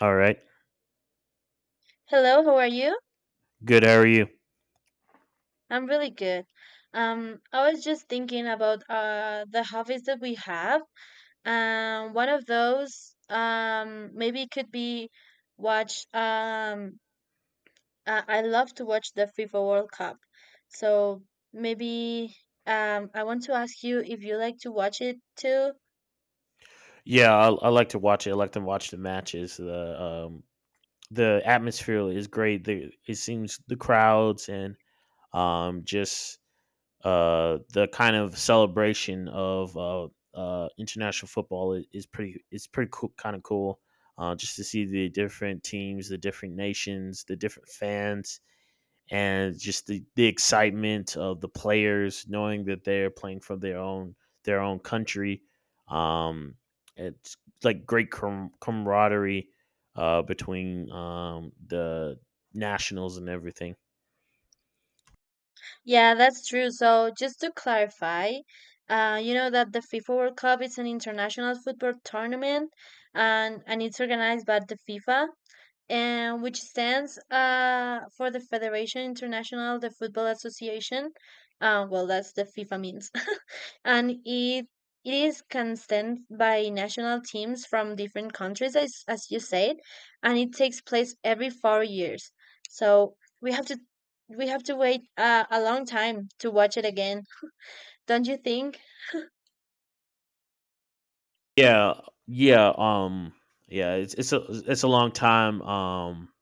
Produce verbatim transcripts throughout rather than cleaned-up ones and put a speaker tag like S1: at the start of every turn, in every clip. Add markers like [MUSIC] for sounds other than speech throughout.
S1: All right.
S2: Hello, how are you?
S1: Good. How are you?
S2: I'm really good. Um, I was just thinking about uh the hobbies that we have. Um, one of those um maybe could be watch um I, I love to watch the FIFA World Cup. So maybe um I want to ask you if you like to watch it too.
S1: Yeah, I, I like to watch it. I like to watch the matches. The um the atmosphere is great. The It seems the crowds and um just uh the kind of celebration of uh uh international football i- is pretty it's pretty cool, kind of cool. Uh, just to see the different teams, the different nations, the different fans, and just the, the excitement of the players knowing that they're playing for their own their own country. Um, it's like great com- camaraderie, uh, between um, the nationals and everything.
S2: Yeah, that's true. So just to clarify, uh you know that the FIFA World Cup is an international football tournament and and it's organized by the FIFA, and which stands uh, for the Federation International de Football Association. Uh, well, that's the FIFA means, [LAUGHS] and it it is constant by national teams from different countries, as as you said, and it takes place every four years. So we have to we have to wait uh, a long time to watch it again, don't you think?
S1: Yeah, yeah, um, yeah. It's it's a it's a long time. Um,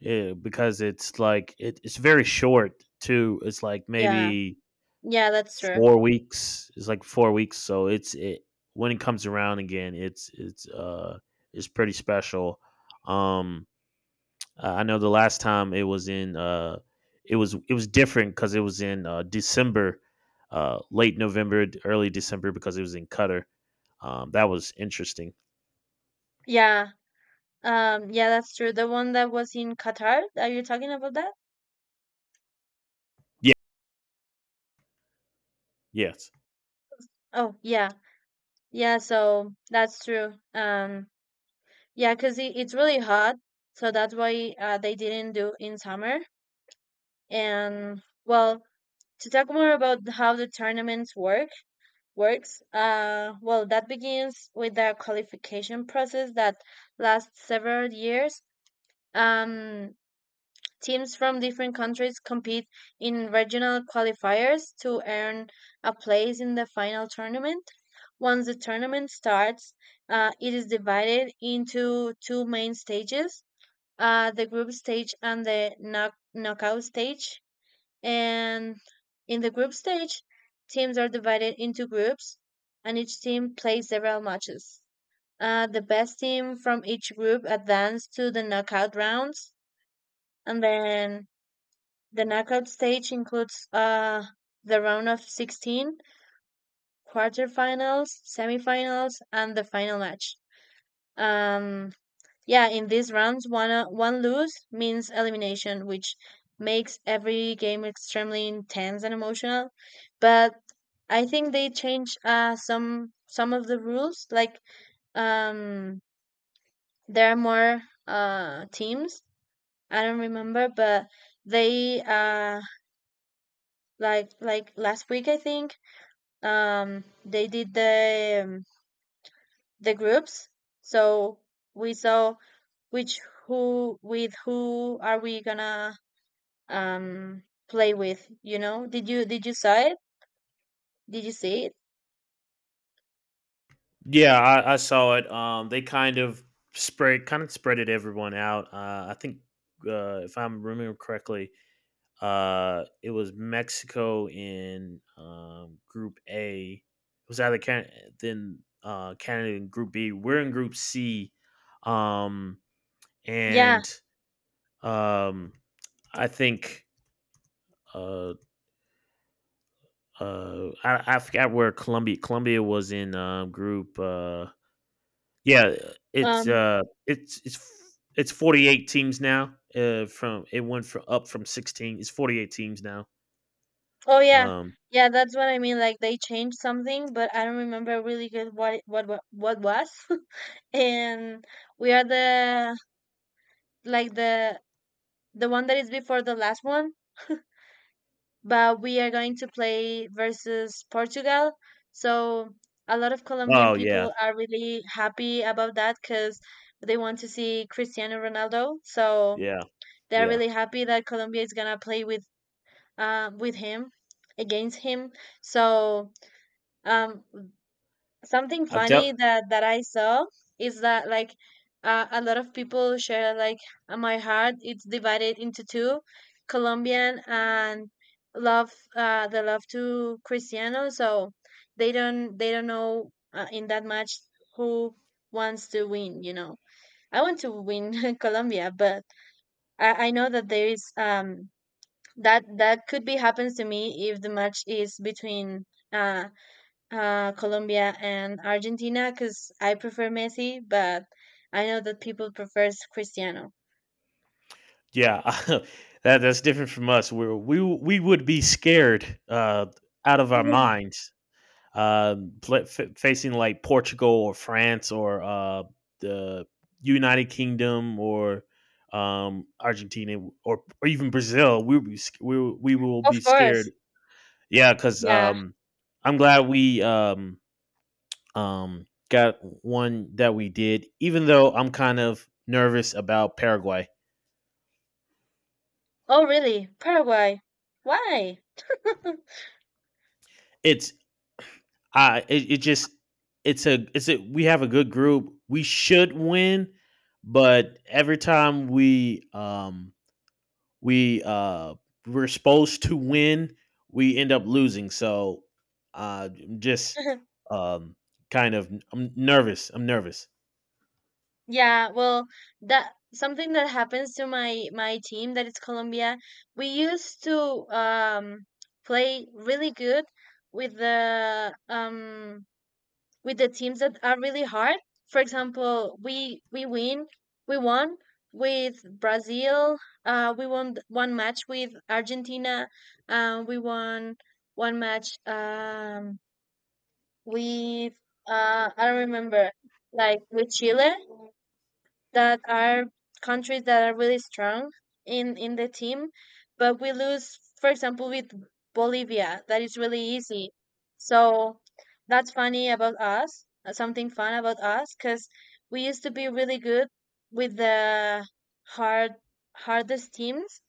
S1: Yeah, because it's like it, it's very short too. It's like
S2: Yeah,
S1: maybe
S2: yeah, that's true.
S1: four weeks. It's like four weeks. So it's it when it comes around again, It's it's uh it's pretty special. Um, I know the last time it was in uh it was it was different because it was in uh, December, uh late November, d- early December, because it was in Qatar. Um, that was interesting.
S2: Yeah, um, yeah, that's true. The one that was in Qatar, are you talking about that?
S1: Yeah. Yes.
S2: Oh, yeah. Yeah, so that's true. Um, yeah, because it, it's really hot, so that's why uh, they didn't do in summer. And well, to talk more about how the tournaments work works, uh, well, that begins with the qualification process that lasts several years. Um, Teams from different countries compete in regional qualifiers to earn a place in the final tournament. Once the tournament starts, uh, it is divided into two main stages, uh, the group stage and the knock- knockout stage. And in the group stage, teams are divided into groups, and each team plays several matches. Uh, the best team from each group advance to the knockout rounds, and then the knockout stage includes uh, the round of sixteen, quarterfinals, semifinals, and the final match. Um, yeah, in these rounds, one, uh, one lose means elimination, which makes every game extremely intense and emotional. But I think they change uh, some some of the rules. Like um, there are more uh, teams. I don't remember, but they uh, like like last week I think um they did the um, the groups, so we saw which who with who are we gonna um play with, you know? Did you did you saw it, did you see it?
S1: Yeah, I, I saw it. Um, they kind of spread kind of spread it everyone out. Uh, I think, uh, if I'm remembering correctly, Uh, it was Mexico in um, Group A. It was either Can- then uh, Canada in Group B. We're in Group C, um,
S2: Yeah.
S1: and um, I think, uh, uh, I, I forgot where Colombia. Colombia was in um, Group. Uh, yeah, it's
S2: um
S1: uh, it's it's it's forty eight teams now. Uh, from It went from up from sixteen. It's forty eight teams now.
S2: oh, yeah.
S1: Um,
S2: Yeah, that's what I mean, like they changed something, but I don't remember really good what it- what what, what was. [LAUGHS] And we are the like the the one that is before the last one, but we are going to play versus Portugal. So a lot of Colombian
S1: oh yeah,
S2: people are really happy about that because they want to see Cristiano Ronaldo. So
S1: yeah,
S2: they're
S1: yeah.
S2: really happy that Colombia is gonna play with uh, with him, against him. So um, something
S1: I'm tell
S2: funny that that I saw is that, like, uh, a lot of people share, like, uh, my heart, it's divided into two: Colombian and love uh the love to Cristiano, so they don't they don't know uh, in that match who wants to win, you know? I want to win [LAUGHS] Colombia, but I, I know that there is um that that could be happens to me if the match is between uh uh, Colombia and Argentina, because I prefer Messi, but I know that people prefers Cristiano.
S1: Yeah, [LAUGHS] that that's different from us. we we we would be scared, uh, out of our
S2: [LAUGHS]
S1: minds, um, pla f- facing like Portugal or France or uh, the United Kingdom or um, Argentina or or even Brazil. We would be, sc- we will- We will be
S2: Of course.
S1: scared. Yeah, because
S2: Yeah.
S1: um, I'm glad we um, um, got one that we did. Even though I'm kind of nervous about Paraguay.
S2: Oh, really? Paraguay. Why?
S1: It's I it, it just it's a it's a We have a good group. We should win, but every time we um we uh we're supposed to win, we end up losing. So uh I'm just
S2: [LAUGHS]
S1: um kind of I'm nervous. I'm nervous.
S2: Yeah, well, that something that happens to my my team, that is Colombia. We used to um play really good with the um with the teams that are really hard. For example, we we win, we won with Brazil. Uh, we won th- one match with Argentina. Uh, we won one match um, with uh, I don't remember, like with Chile, that are countries that are really strong in in the team, but we lose, for example, with Bolivia, that is really easy. So that's funny about us, uh, something fun about us, because we used to be really good with the hard hardest teams,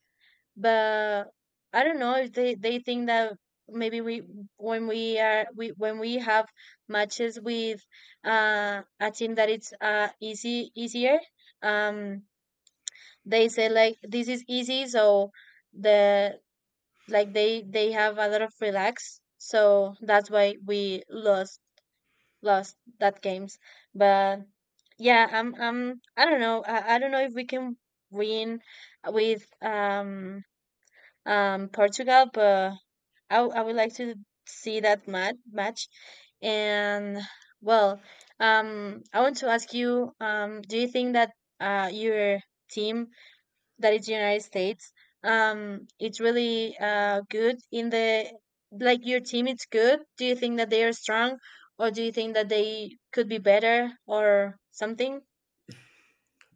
S2: but I don't know if they they think that maybe we when we are we when we have matches with uh a team that it's uh easy easier um they say like this is easy, so the like they they have a lot of relax, so that's why we lost lost that games. But yeah, I'm I'm I don't know, I, I don't know if we can win with um um, Portugal, but I, w- I would like to see that mat- match. And well, um, I want to ask you, um, do you think that uh, your team, that is United States, um, it's really uh, good in the like your team? It's good. Do you think that they are strong, or do you think that they could be better or something?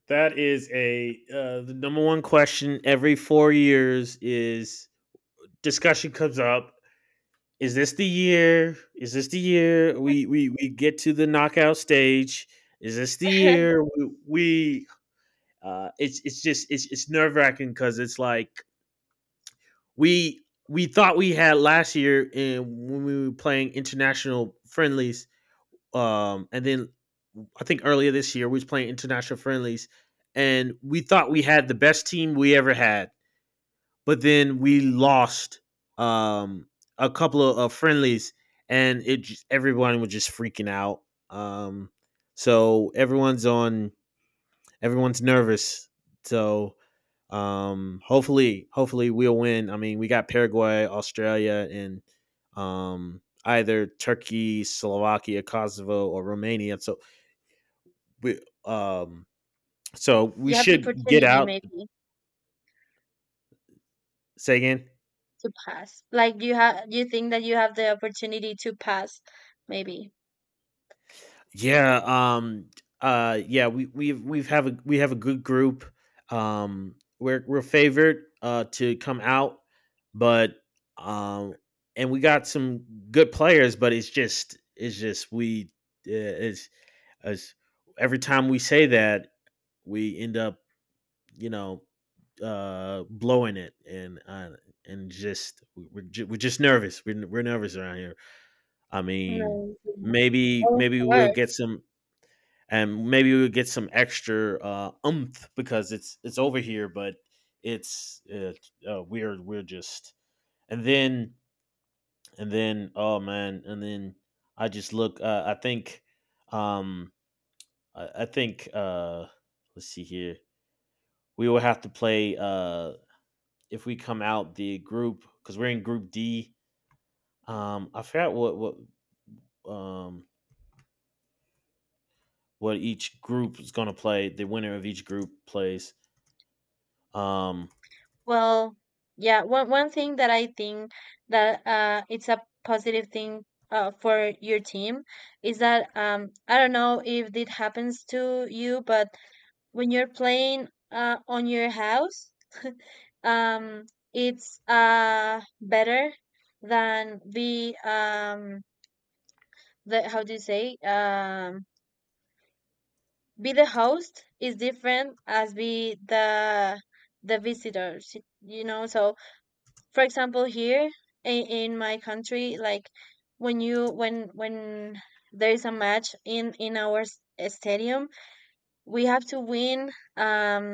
S1: That is a uh, The number one question every four years is, discussion comes up, is this the year? Is this the year we we we get to the knockout stage? Is this the
S2: [LAUGHS]
S1: year we, we uh it's it's just it's it's nerve wracking, because it's like we we thought we had last year, and when we were playing international friendlies, um and then I think earlier this year we was playing international friendlies, and we thought we had the best team we ever had, but then we lost um, a couple of, of friendlies, and it just, everyone was just freaking out. Um, so everyone's on, everyone's nervous. So, um, hopefully, hopefully we'll win. I mean, we got Paraguay, Australia, and um, either Turkey, Slovakia, Kosovo, or Romania. So we, um, so we
S2: You have the
S1: should get
S2: opportunity,
S1: out.
S2: maybe.
S1: Say again.
S2: To pass. Like you have, you think that you have the opportunity to pass, maybe.
S1: Yeah, um uh yeah, we we've we've have a we have a good group. Um we're we're favored uh to come out, but um and we got some good players, but it's just it's just we uh, it's as every time we say that, we end up, you know, uh blowing it and uh and just we- we're ju- we're just nervous. We're we're nervous around here. I mean,
S2: No, yeah.
S1: maybe
S2: Of
S1: maybe we'll get
S2: course.
S1: some, and maybe we would get some extra, uh, umph, because it's it's over here, but it's uh, uh, we're we're just and then and then oh man, and then I just look. Uh, I think um I, I think, uh let's see here. We will have to play, uh if we come out the group, because we're in Group D. Um, I forgot what what um what each group is going to play. The winner of each group plays. Um,
S2: Well, yeah. One one thing that I think that uh, it's a positive thing uh, for your team is that um, I don't know if it happens to you, but when you're playing uh, on your house, um, it's uh better than be um the how do you say um be the host is different as be the the visitors, you know? So for example here in, in my country, like when you when when there is a match in in our s- stadium, we have to win, um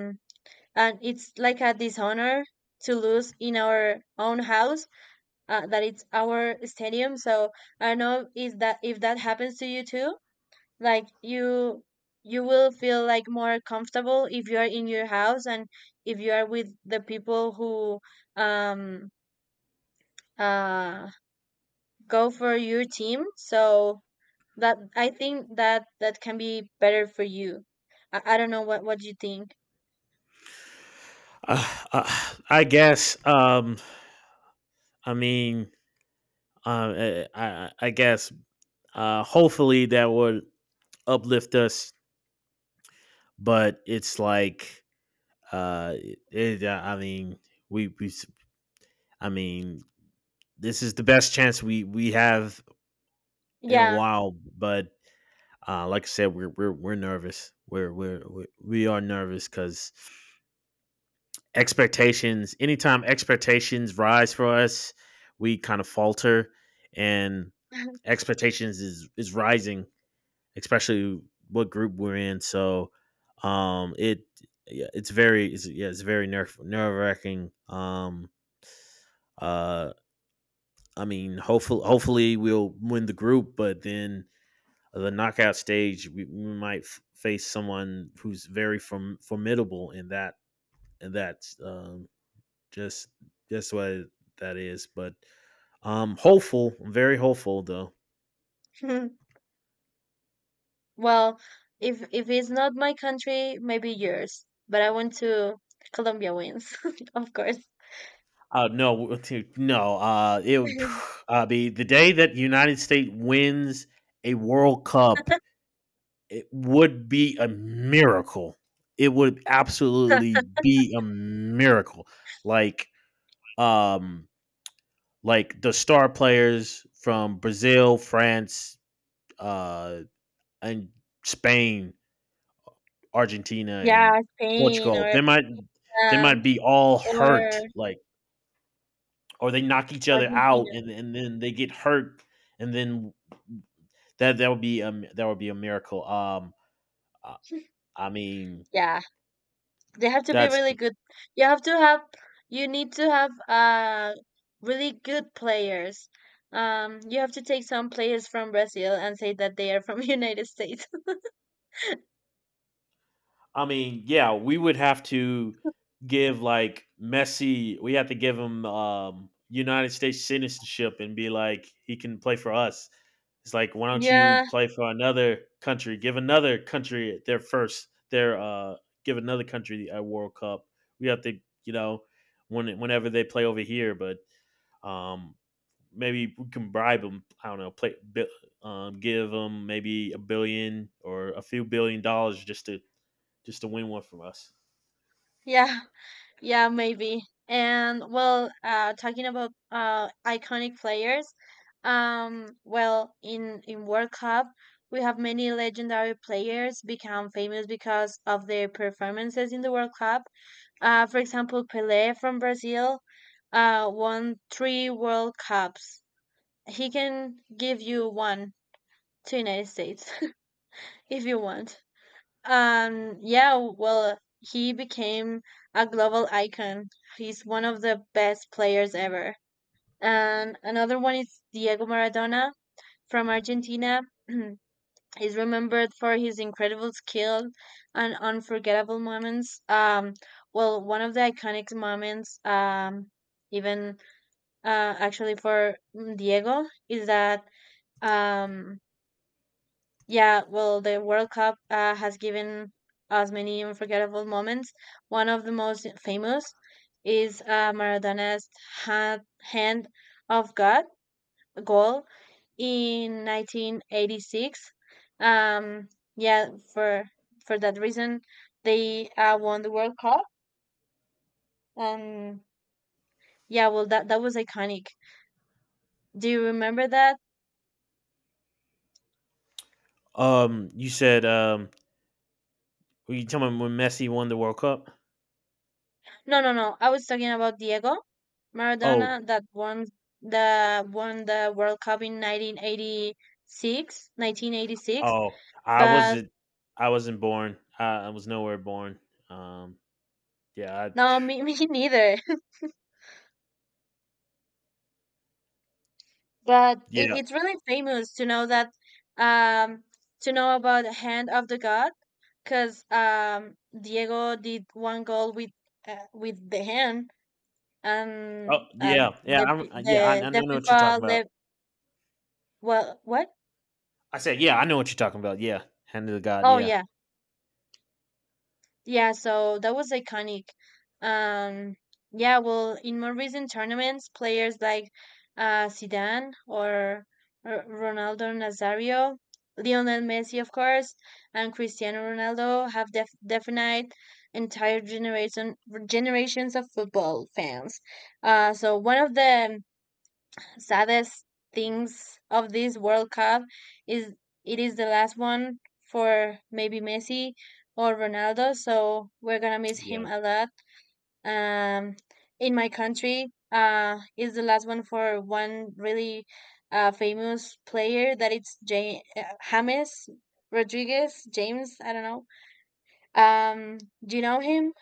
S2: and it's like a dishonor to lose in our own house, uh, that it's our stadium. So I don't know is that if that happens to you too, like you you will feel like more comfortable if you are in your house and if you are with the people who um uh go for your team. So that I think that that can be better for you. I, I don't know what what you think.
S1: Uh, uh, I guess. Um, I mean, um, eh, I, I I guess. Uh, hopefully that would uplift us, but it's like, uh, eh, it, uh, I mean, we, we, s- I mean, this is the best chance we we have in a
S2: Yeah.
S1: while. But, uh, like I said, we're we're we're nervous. We're we're, we're we are nervous because expectations anytime expectations rise for us we kind of falter, and
S2: [LAUGHS]
S1: expectations is is rising, especially what group we're in. So um it Yeah, it's very, it's, yeah, it's very nerve nerve wracking. um uh I mean, hopefully hopefully we'll win the group, but then the knockout stage, we, we might f- face someone who's very from formidable in that, in that um just just what that is. But um hopeful, I'm very hopeful though.
S2: Well, if if it's not my country, maybe yours, but I want to Colombia wins [LAUGHS] of course.
S1: Uh no, to- no, uh it would
S2: [LAUGHS]
S1: [SIGHS] uh, be the day that the United States wins a World Cup. It would be a miracle. It would absolutely be a miracle. Like, um like the star players from Brazil, France, uh and Spain, Argentina, and
S2: Yeah, Spain
S1: Portugal.
S2: or
S1: They might they might
S2: and
S1: be all
S2: or
S1: hurt, like, or they knock each other out,
S2: Argentina.
S1: and, and then they get hurt, and then that that would be um that would be a miracle. Um I mean
S2: Yeah, they have to be
S1: that's
S2: really good. You have to have, you need to have uh really good players. Um, you have to take some players from Brazil and say that they are from [LAUGHS] United States.
S1: I mean, yeah, we would have to give like Messi. We have to give him um, United States citizenship and be like, he can play for us. It's like, why don't you
S2: Yeah,
S1: play for another country? Give another country their first, their uh, give another country a World Cup. We have to, you know, when whenever they play over here, but um, maybe we can bribe them. I don't know, play, bi- um, give them maybe a billion or a few billion dollars just to just to win one from us.
S2: yeah, yeah, maybe. And well, uh, talking about uh iconic players, um, well, in in World Cup, we have many legendary players become famous because of their performances in the World Cup. Uh, for example, Pele from Brazil uh, won three World Cups. He can give you one to United States [LAUGHS] if you want. Um, yeah, well, he became a global icon. He's one of the best players ever. And another one is Diego Maradona from Argentina. [CLEARS THROAT] He's remembered for his incredible skill and unforgettable moments. Um, well, one of the iconic moments, um, even uh, actually for Diego, is that, um, yeah, well, the World Cup uh, has given us many unforgettable moments. One of the most famous is uh, Maradona's ha- hand of God goal in nineteen eighty-six. Um, yeah, for for that reason, they uh, won the World Cup. Um, yeah, well, that that was iconic. Do you remember that?
S1: Um, you said, um, were you telling me when Messi won the World Cup?
S2: No, no, no. I was talking about Diego
S1: Oh,
S2: Maradona that won the won the World Cup in nineteen eighty-six, nineteen eighty-six.
S1: oh, I
S2: But
S1: wasn't, I wasn't born. I, I was nowhere born. Um, yeah, I,
S2: no, me, [LAUGHS] me neither. [LAUGHS] But it,
S1: yeah,
S2: it's really famous to know that um to know about the hand of the god, because um, Diego did one goal with uh, with the hand, and
S1: oh,
S2: uh,
S1: yeah, yeah,
S2: the
S1: I'm, uh, yeah. I,
S2: the
S1: I
S2: the
S1: know what you're talking
S2: FIFA
S1: about.
S2: left. Well, what?
S1: I said, yeah, I know what you're talking about. Yeah, hand of the God.
S2: Oh
S1: Yeah,
S2: yeah, yeah, so that was iconic. Um, yeah, well, in more recent tournaments, players like uh, Zidane or R- Ronaldo Nazario, Lionel Messi, of course, and Cristiano Ronaldo have def- defined entire generation generations of football fans. Uh, so one of the saddest things of this World Cup is it is the last one for maybe Messi or Ronaldo, so we're gonna miss
S1: yeah,
S2: him a lot. Um, in my country, uh, is the last one for one really uh, famous player that it's J- James Rodriguez James. I don't know. Um, do you know him?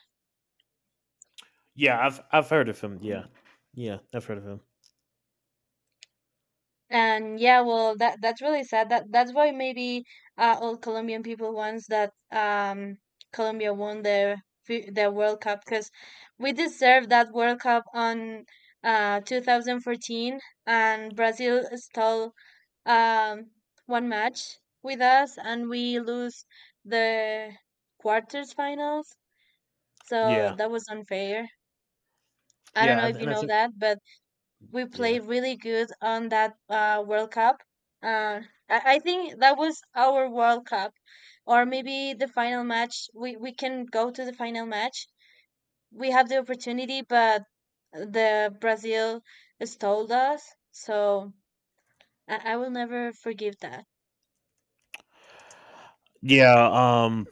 S1: yeah. I've I've heard of him. Yeah, yeah, I've heard of him.
S2: And yeah, well, that that's really sad. That that's why maybe uh, all Colombian people wants that um Colombia won their fi- their World Cup, because we deserve that World Cup on uh twenty fourteen, and Brazil stole um one match with us and we lose the quarters finals. So
S1: Yeah,
S2: that was unfair. I don't
S1: yeah,
S2: know if
S1: and
S2: you
S1: I
S2: know
S1: think,
S2: that, but we
S1: yeah,
S2: played really good on that uh, World Cup. Uh, I, I think that was our World Cup, or maybe the final match. We we can go to the final match. We have the opportunity, but the Brazil stole us. So I, I will never forgive that.
S1: yeah. Um,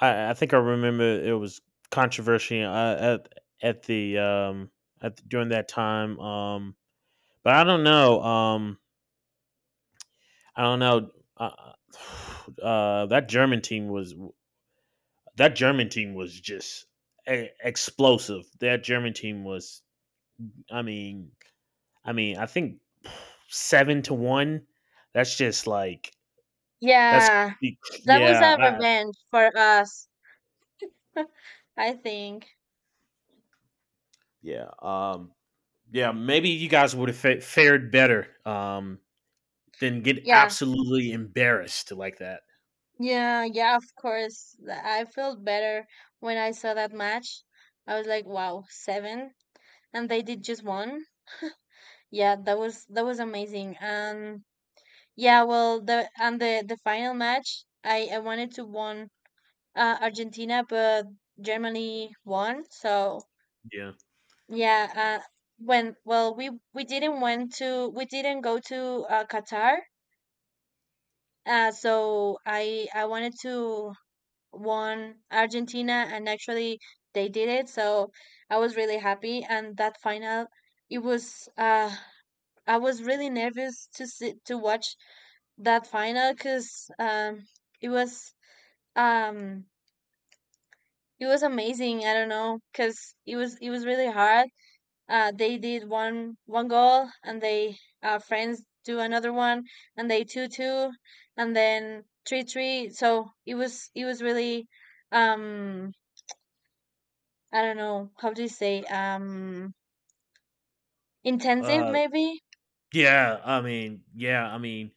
S1: I I think I remember, it was controversial, uh, at at the um at during that time. Um, but I don't know. Um, I don't know. Uh, [SIGHS] uh, that German team was that German team was just e- explosive. That German team was. I mean, I mean, I think seven to one. That's just like that's
S2: Yeah, that was
S1: yeah.
S2: a
S1: I,
S2: revenge for us. [LAUGHS] I think.
S1: yeah. Um, yeah. Maybe you guys would have fa- fared better. Um, than get
S2: Yeah.
S1: absolutely embarrassed like that.
S2: Yeah, yeah, of course. Th- I felt better when I saw that match. I was like, wow, seven, and they did just one. Yeah, that was that was amazing. And yeah, well, the and the the final match, I I wanted to won uh, Argentina, but Germany won. So
S1: Yeah.
S2: yeah, uh, when well, we we didn't went to we didn't go to uh, Qatar. Uh, so I I wanted to won Argentina, and actually they did it. So I was really happy, and that final it was uh I was really nervous to sit to watch that final cuz um it was um it was amazing. I don't know, cuz it was it was really hard. Uh they did one one goal, and they uh friends do another one, and they two two, and then three three. So it was it was really um I don't know, how do you say, um, intensive
S1: Uh.
S2: maybe?
S1: Yeah. I mean. Yeah. I mean.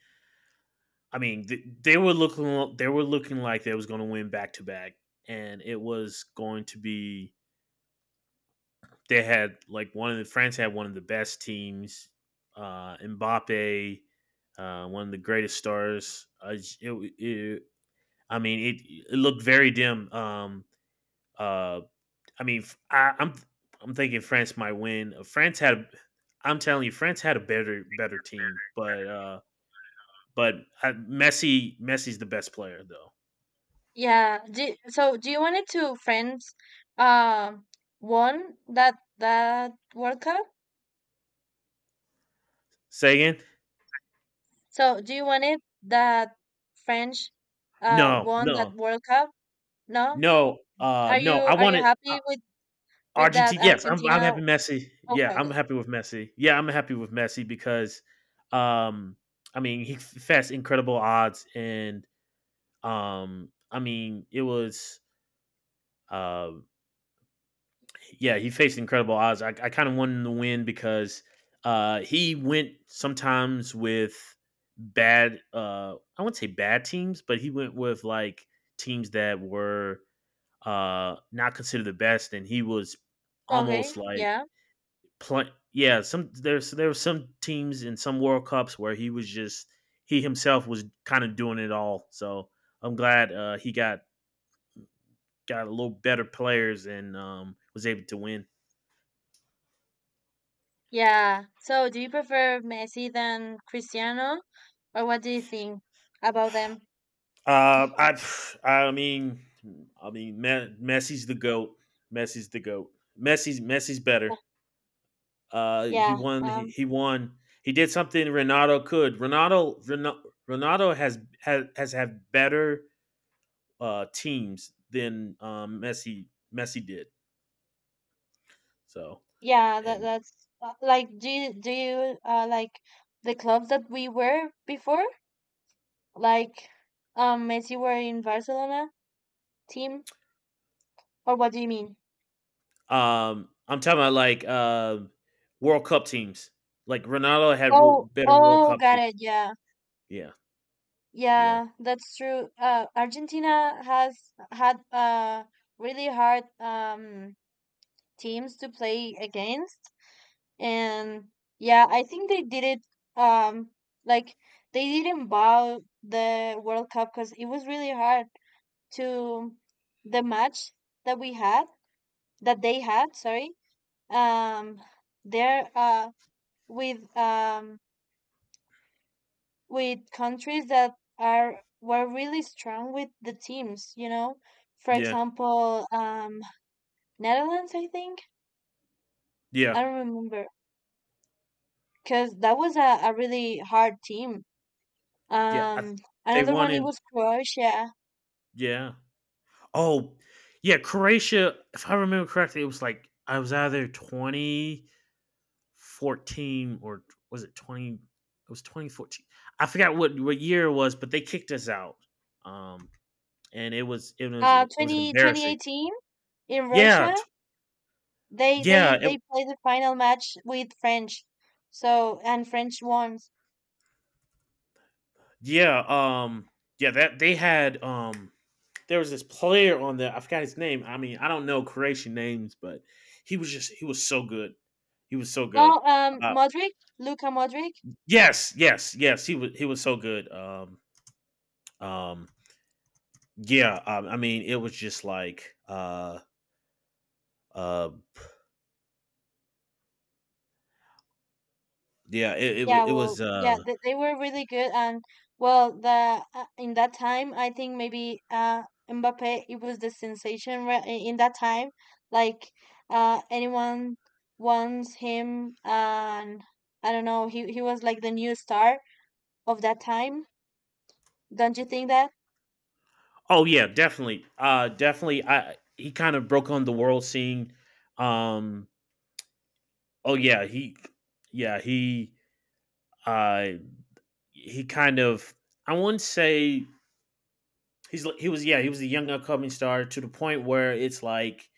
S1: I mean. Th- they were looking. They were looking like they was going to win back to back, and it was going to be. They had like one of the France had one of the best teams. Uh, Mbappe, uh, one of the greatest stars. Uh, it, it, I mean, it, it looked very dim. Um, uh, I mean, i am I, am I'm thinking France might win. France had, a, I'm telling you, France had a better better team, but uh, but I, Messi Messi's the best player though.
S2: Yeah. Do, so do you want it to friends, uh, won that that World Cup?
S1: Sagan,
S2: So do you want it that French uh
S1: no,
S2: won that
S1: no,
S2: World Cup? No?
S1: no, uh,
S2: Are you
S1: no. I
S2: are you
S1: wanted, uh,
S2: happy with with that
S1: Argentina. Yes, I'm I'm
S2: Argentina?
S1: happy Messi. Yeah,
S2: Okay,
S1: I'm
S2: okay.
S1: happy with Messi. Yeah, I'm happy with Messi because, um, I mean, he fetched incredible odds, and um, I mean, it was uh yeah, he faced incredible odds. I, I kind of won the win, because, uh, he went sometimes with bad. Uh, I wouldn't say bad teams, but he went with like teams that were, uh, not considered the best, and he was
S2: Okay,
S1: almost like
S2: yeah.
S1: play. Yeah, some there's there were some teams in some World Cups where he was just he himself was kind of doing it all. So I'm glad, uh, he got got a little better players, and um, was able to win.
S2: Yeah. So do you prefer Messi than Cristiano, or what do you think about them?
S1: Uh, I, I mean, I mean, Me- Messi's the goat. Messi's the goat. Messi's Messi's better.
S2: Yeah.
S1: Uh, he
S2: Yeah.
S1: won. He,
S2: Um
S1: he won. He did something Ronaldo could. Ronaldo Ronaldo, Ronaldo has has has had better uh, teams than um, Messi Messi did. So
S2: Yeah, that
S1: and
S2: that's uh, like do you, do you uh like the clubs that we were before? Like um Messi were in Barcelona team, or what do you mean?
S1: um, I'm talking about like, uh, World Cup teams. Like Ronaldo had wo-
S2: Oh,
S1: better World
S2: oh,
S1: Cup
S2: got
S1: teams.
S2: it. Yeah.
S1: Yeah, yeah,
S2: Yeah, that's true. Uh, Argentina has had uh really hard um teams to play against, and yeah, I think they did it um like they didn't bow the World Cup because it was really hard to the match that we had, that they had, sorry, um there uh with um with countries that are were really strong with the teams, you know, for
S1: yeah,
S2: example, um Netherlands, I think,
S1: yeah,
S2: I don't remember, because that was a, a really hard team.
S1: yeah. I,
S2: um
S1: they
S2: Another
S1: won
S2: one it
S1: in
S2: was Croatia,
S1: Yeah. Oh, yeah. Croatia, if I remember correctly, it was like, I was either twenty fourteen, or was it twenty? It was twenty fourteen. I forgot what what year it was, but they kicked us out. Um, and it was it was
S2: uh
S1: it was an
S2: twenty twenty
S1: embarrassing.
S2: eighteen in
S1: Yeah,
S2: Russia.
S1: t-
S2: They they
S1: yeah, it,
S2: they played the final match with French. So and French won.
S1: yeah. Um, yeah. That they had um. There was this player on there. I forgot his name. I mean, I don't know Croatian names, but he was just he was so good. He was so good.
S2: Well, um,
S1: Uh,
S2: Modric, Luka Modric.
S1: Yes, yes, yes. He was he was so good. Um, um, yeah. Um, I mean, it was just like, uh, uh, yeah. It it, wa-
S2: Yeah,
S1: it
S2: well,
S1: was.
S2: yeah,
S1: Uh,
S2: they, they were really good. And well, the uh, in that time, I think maybe uh Mbappe, it was the sensation re- i- in that time. Like uh, anyone wants him, and I don't know, he he was like the new star of that time. Don't you think that?
S1: oh yeah, definitely. Uh, definitely. I He kind of broke on the world scene. Um. Oh yeah. He. Yeah. He. Uh. He kind of. I wouldn't say he's. He was. Yeah. He was a young upcoming star, to the point where it's like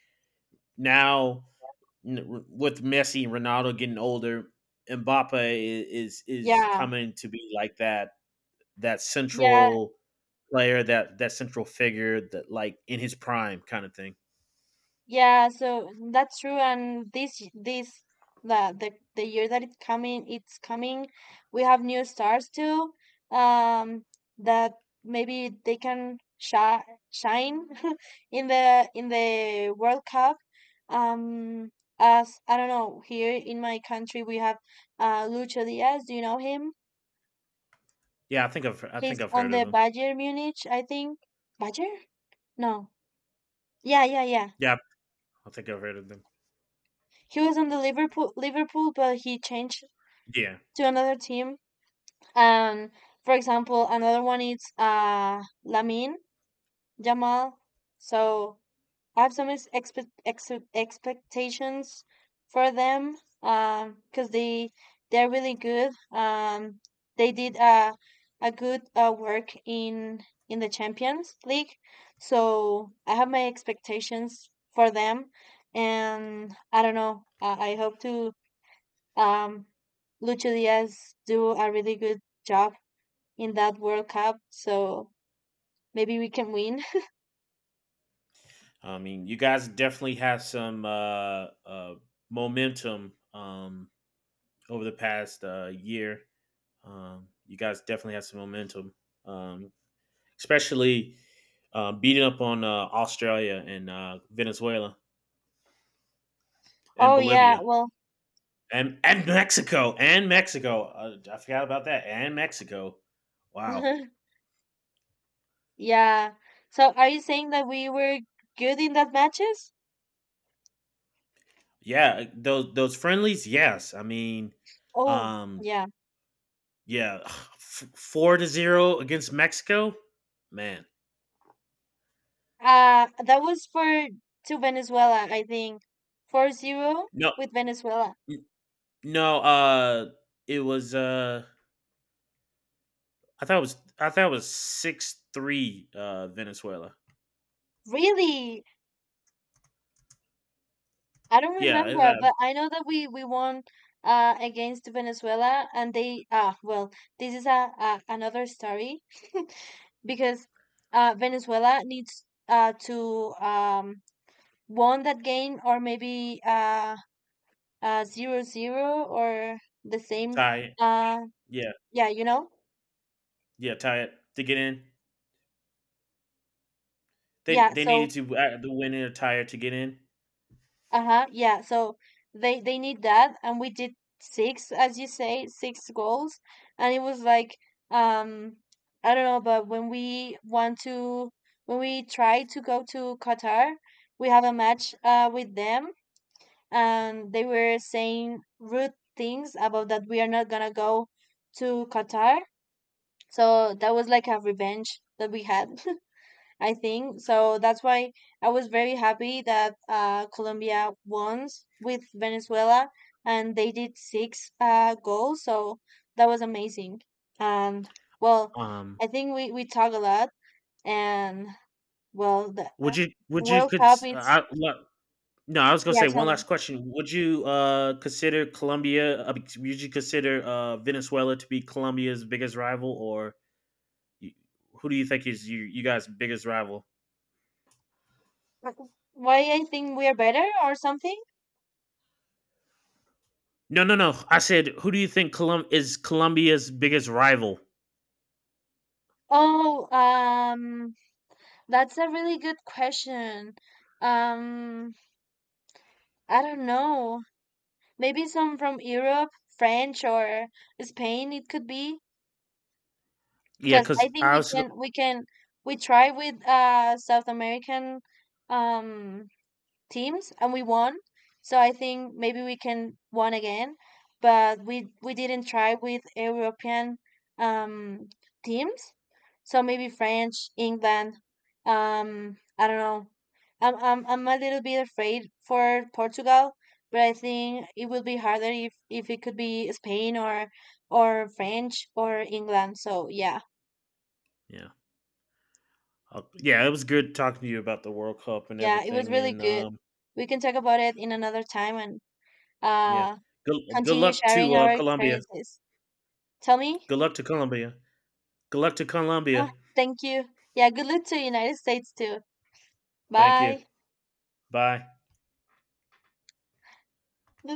S1: now, with Messi and Ronaldo getting older, Mbappe is is
S2: Yeah,
S1: coming to be like that that
S2: yeah,
S1: central player, that that central figure, that, like, in his prime kind of thing.
S2: yeah, so that's true. And this this the the the year that it's coming, it's coming. We have new stars too. Um, that maybe they can shi shine [LAUGHS] in the in the World Cup. Um, as I don't know, here in my country we have uh Lucho Diaz. Do you know him?
S1: Yeah, I think I've I think
S2: He's
S1: I've
S2: on
S1: heard of
S2: the
S1: him.
S2: Bayern Munich, I think. Bayern? No. Yeah, yeah, yeah.
S1: Yeah, I think I've heard of them.
S2: He was on the Liverpool Liverpool, but he changed
S1: Yeah.
S2: to another team. And for example, another one is uh, Lamin Jamal. So I have some ex- expe- ex- expectations for them, because they they're really good. Um, they did a a good uh, work in in the Champions League. So I have my expectations for them, and I don't know. I, I hope to um, Lucho Diaz do a really good job in that World Cup, so maybe we can win.
S1: I mean, you guys definitely have some uh, uh, momentum, um, over the past, uh, year. Um, you guys definitely have some momentum. Um, Especially, uh, beating up on uh, Australia, and uh, Venezuela, and
S2: Oh yeah,
S1: Bolivia,
S2: well,
S1: and and Mexico and Mexico. Uh, I forgot about that, and Mexico. Wow.
S2: [LAUGHS] yeah. So are you saying that we were good in that matches?
S1: Yeah, those those friendlies. Yes, I mean,
S2: Oh
S1: um,
S2: yeah.
S1: yeah, [SIGHS] f- four to zero against Mexico. Man,
S2: Uh, that was for to Venezuela, I think. Four zero
S1: no,
S2: with Venezuela.
S1: n- no. Uh, it was. Uh, I thought it was. I thought it was six three. Uh, Venezuela.
S2: Really? I don't
S1: Yeah, if
S2: remember,
S1: I
S2: but I know that we we won uh against Venezuela, and they ah well, this is a, a another story [LAUGHS] because uh Venezuela needs uh to um won that game, or maybe uh uh zero zero or the same
S1: tie.
S2: uh
S1: Yeah.
S2: yeah, you know,
S1: Yeah, tie it to get in. They
S2: yeah,
S1: they needed
S2: so
S1: to, uh, the win in a tie to get in.
S2: uh-huh. Yeah. So they they need that, and we did six, as you say, six goals. And it was like um I don't know, but when we want to when we try to go to Qatar, we have a match uh with them, and they were saying rude things about that we are not gonna go to Qatar. So that was like a revenge that we had, I think. So that's why I was very happy that uh, Colombia won with Venezuela, and they did six uh, goals. So that was amazing. And well,
S1: Um,
S2: I think we, we talk a lot. And well, the uh,
S1: would you would you
S2: World
S1: could
S2: Cup, it's,
S1: I, lo- No? I was gonna
S2: yeah,
S1: say one
S2: tell me.
S1: last question. Would you, uh consider Colombia? Uh, would you consider, uh Venezuela to be Colombia's biggest rival, or you, who do you think is you you guys' biggest rival?
S2: Wh- Why I think we are better or something?
S1: No, no, no. I said, who do you think Colum- is Colombia's biggest rival?
S2: Oh, um, that's a really good question. Um, I don't know. Maybe some from Europe, French or Spain, it could be
S1: Yeah,
S2: because
S1: because
S2: I think
S1: I
S2: we
S1: was
S2: can we can we try with uh South American um teams, and we won. So I think maybe we can won again, but we we didn't try with European um teams. So maybe French, England. Um, I don't know. I'm I'm I'm a little bit afraid for Portugal, but I think it will be harder if if it could be Spain or or French or England. So yeah,
S1: yeah. Uh, Yeah, it was good talking to you about the World Cup and
S2: yeah, it was
S1: everything,
S2: really
S1: and
S2: good.
S1: um,
S2: We can talk about it in another time and
S1: yeah.
S2: uh
S1: Good, good
S2: continue
S1: luck to,
S2: sharing
S1: uh,
S2: our
S1: Colombia.
S2: experiences. Tell me?
S1: Good luck to Colombia. Good luck to
S2: Ah,
S1: Colombia.
S2: thank you. Yeah, good luck to United States too.
S1: Thank you.
S2: Bye.
S1: Bye.
S2: Let's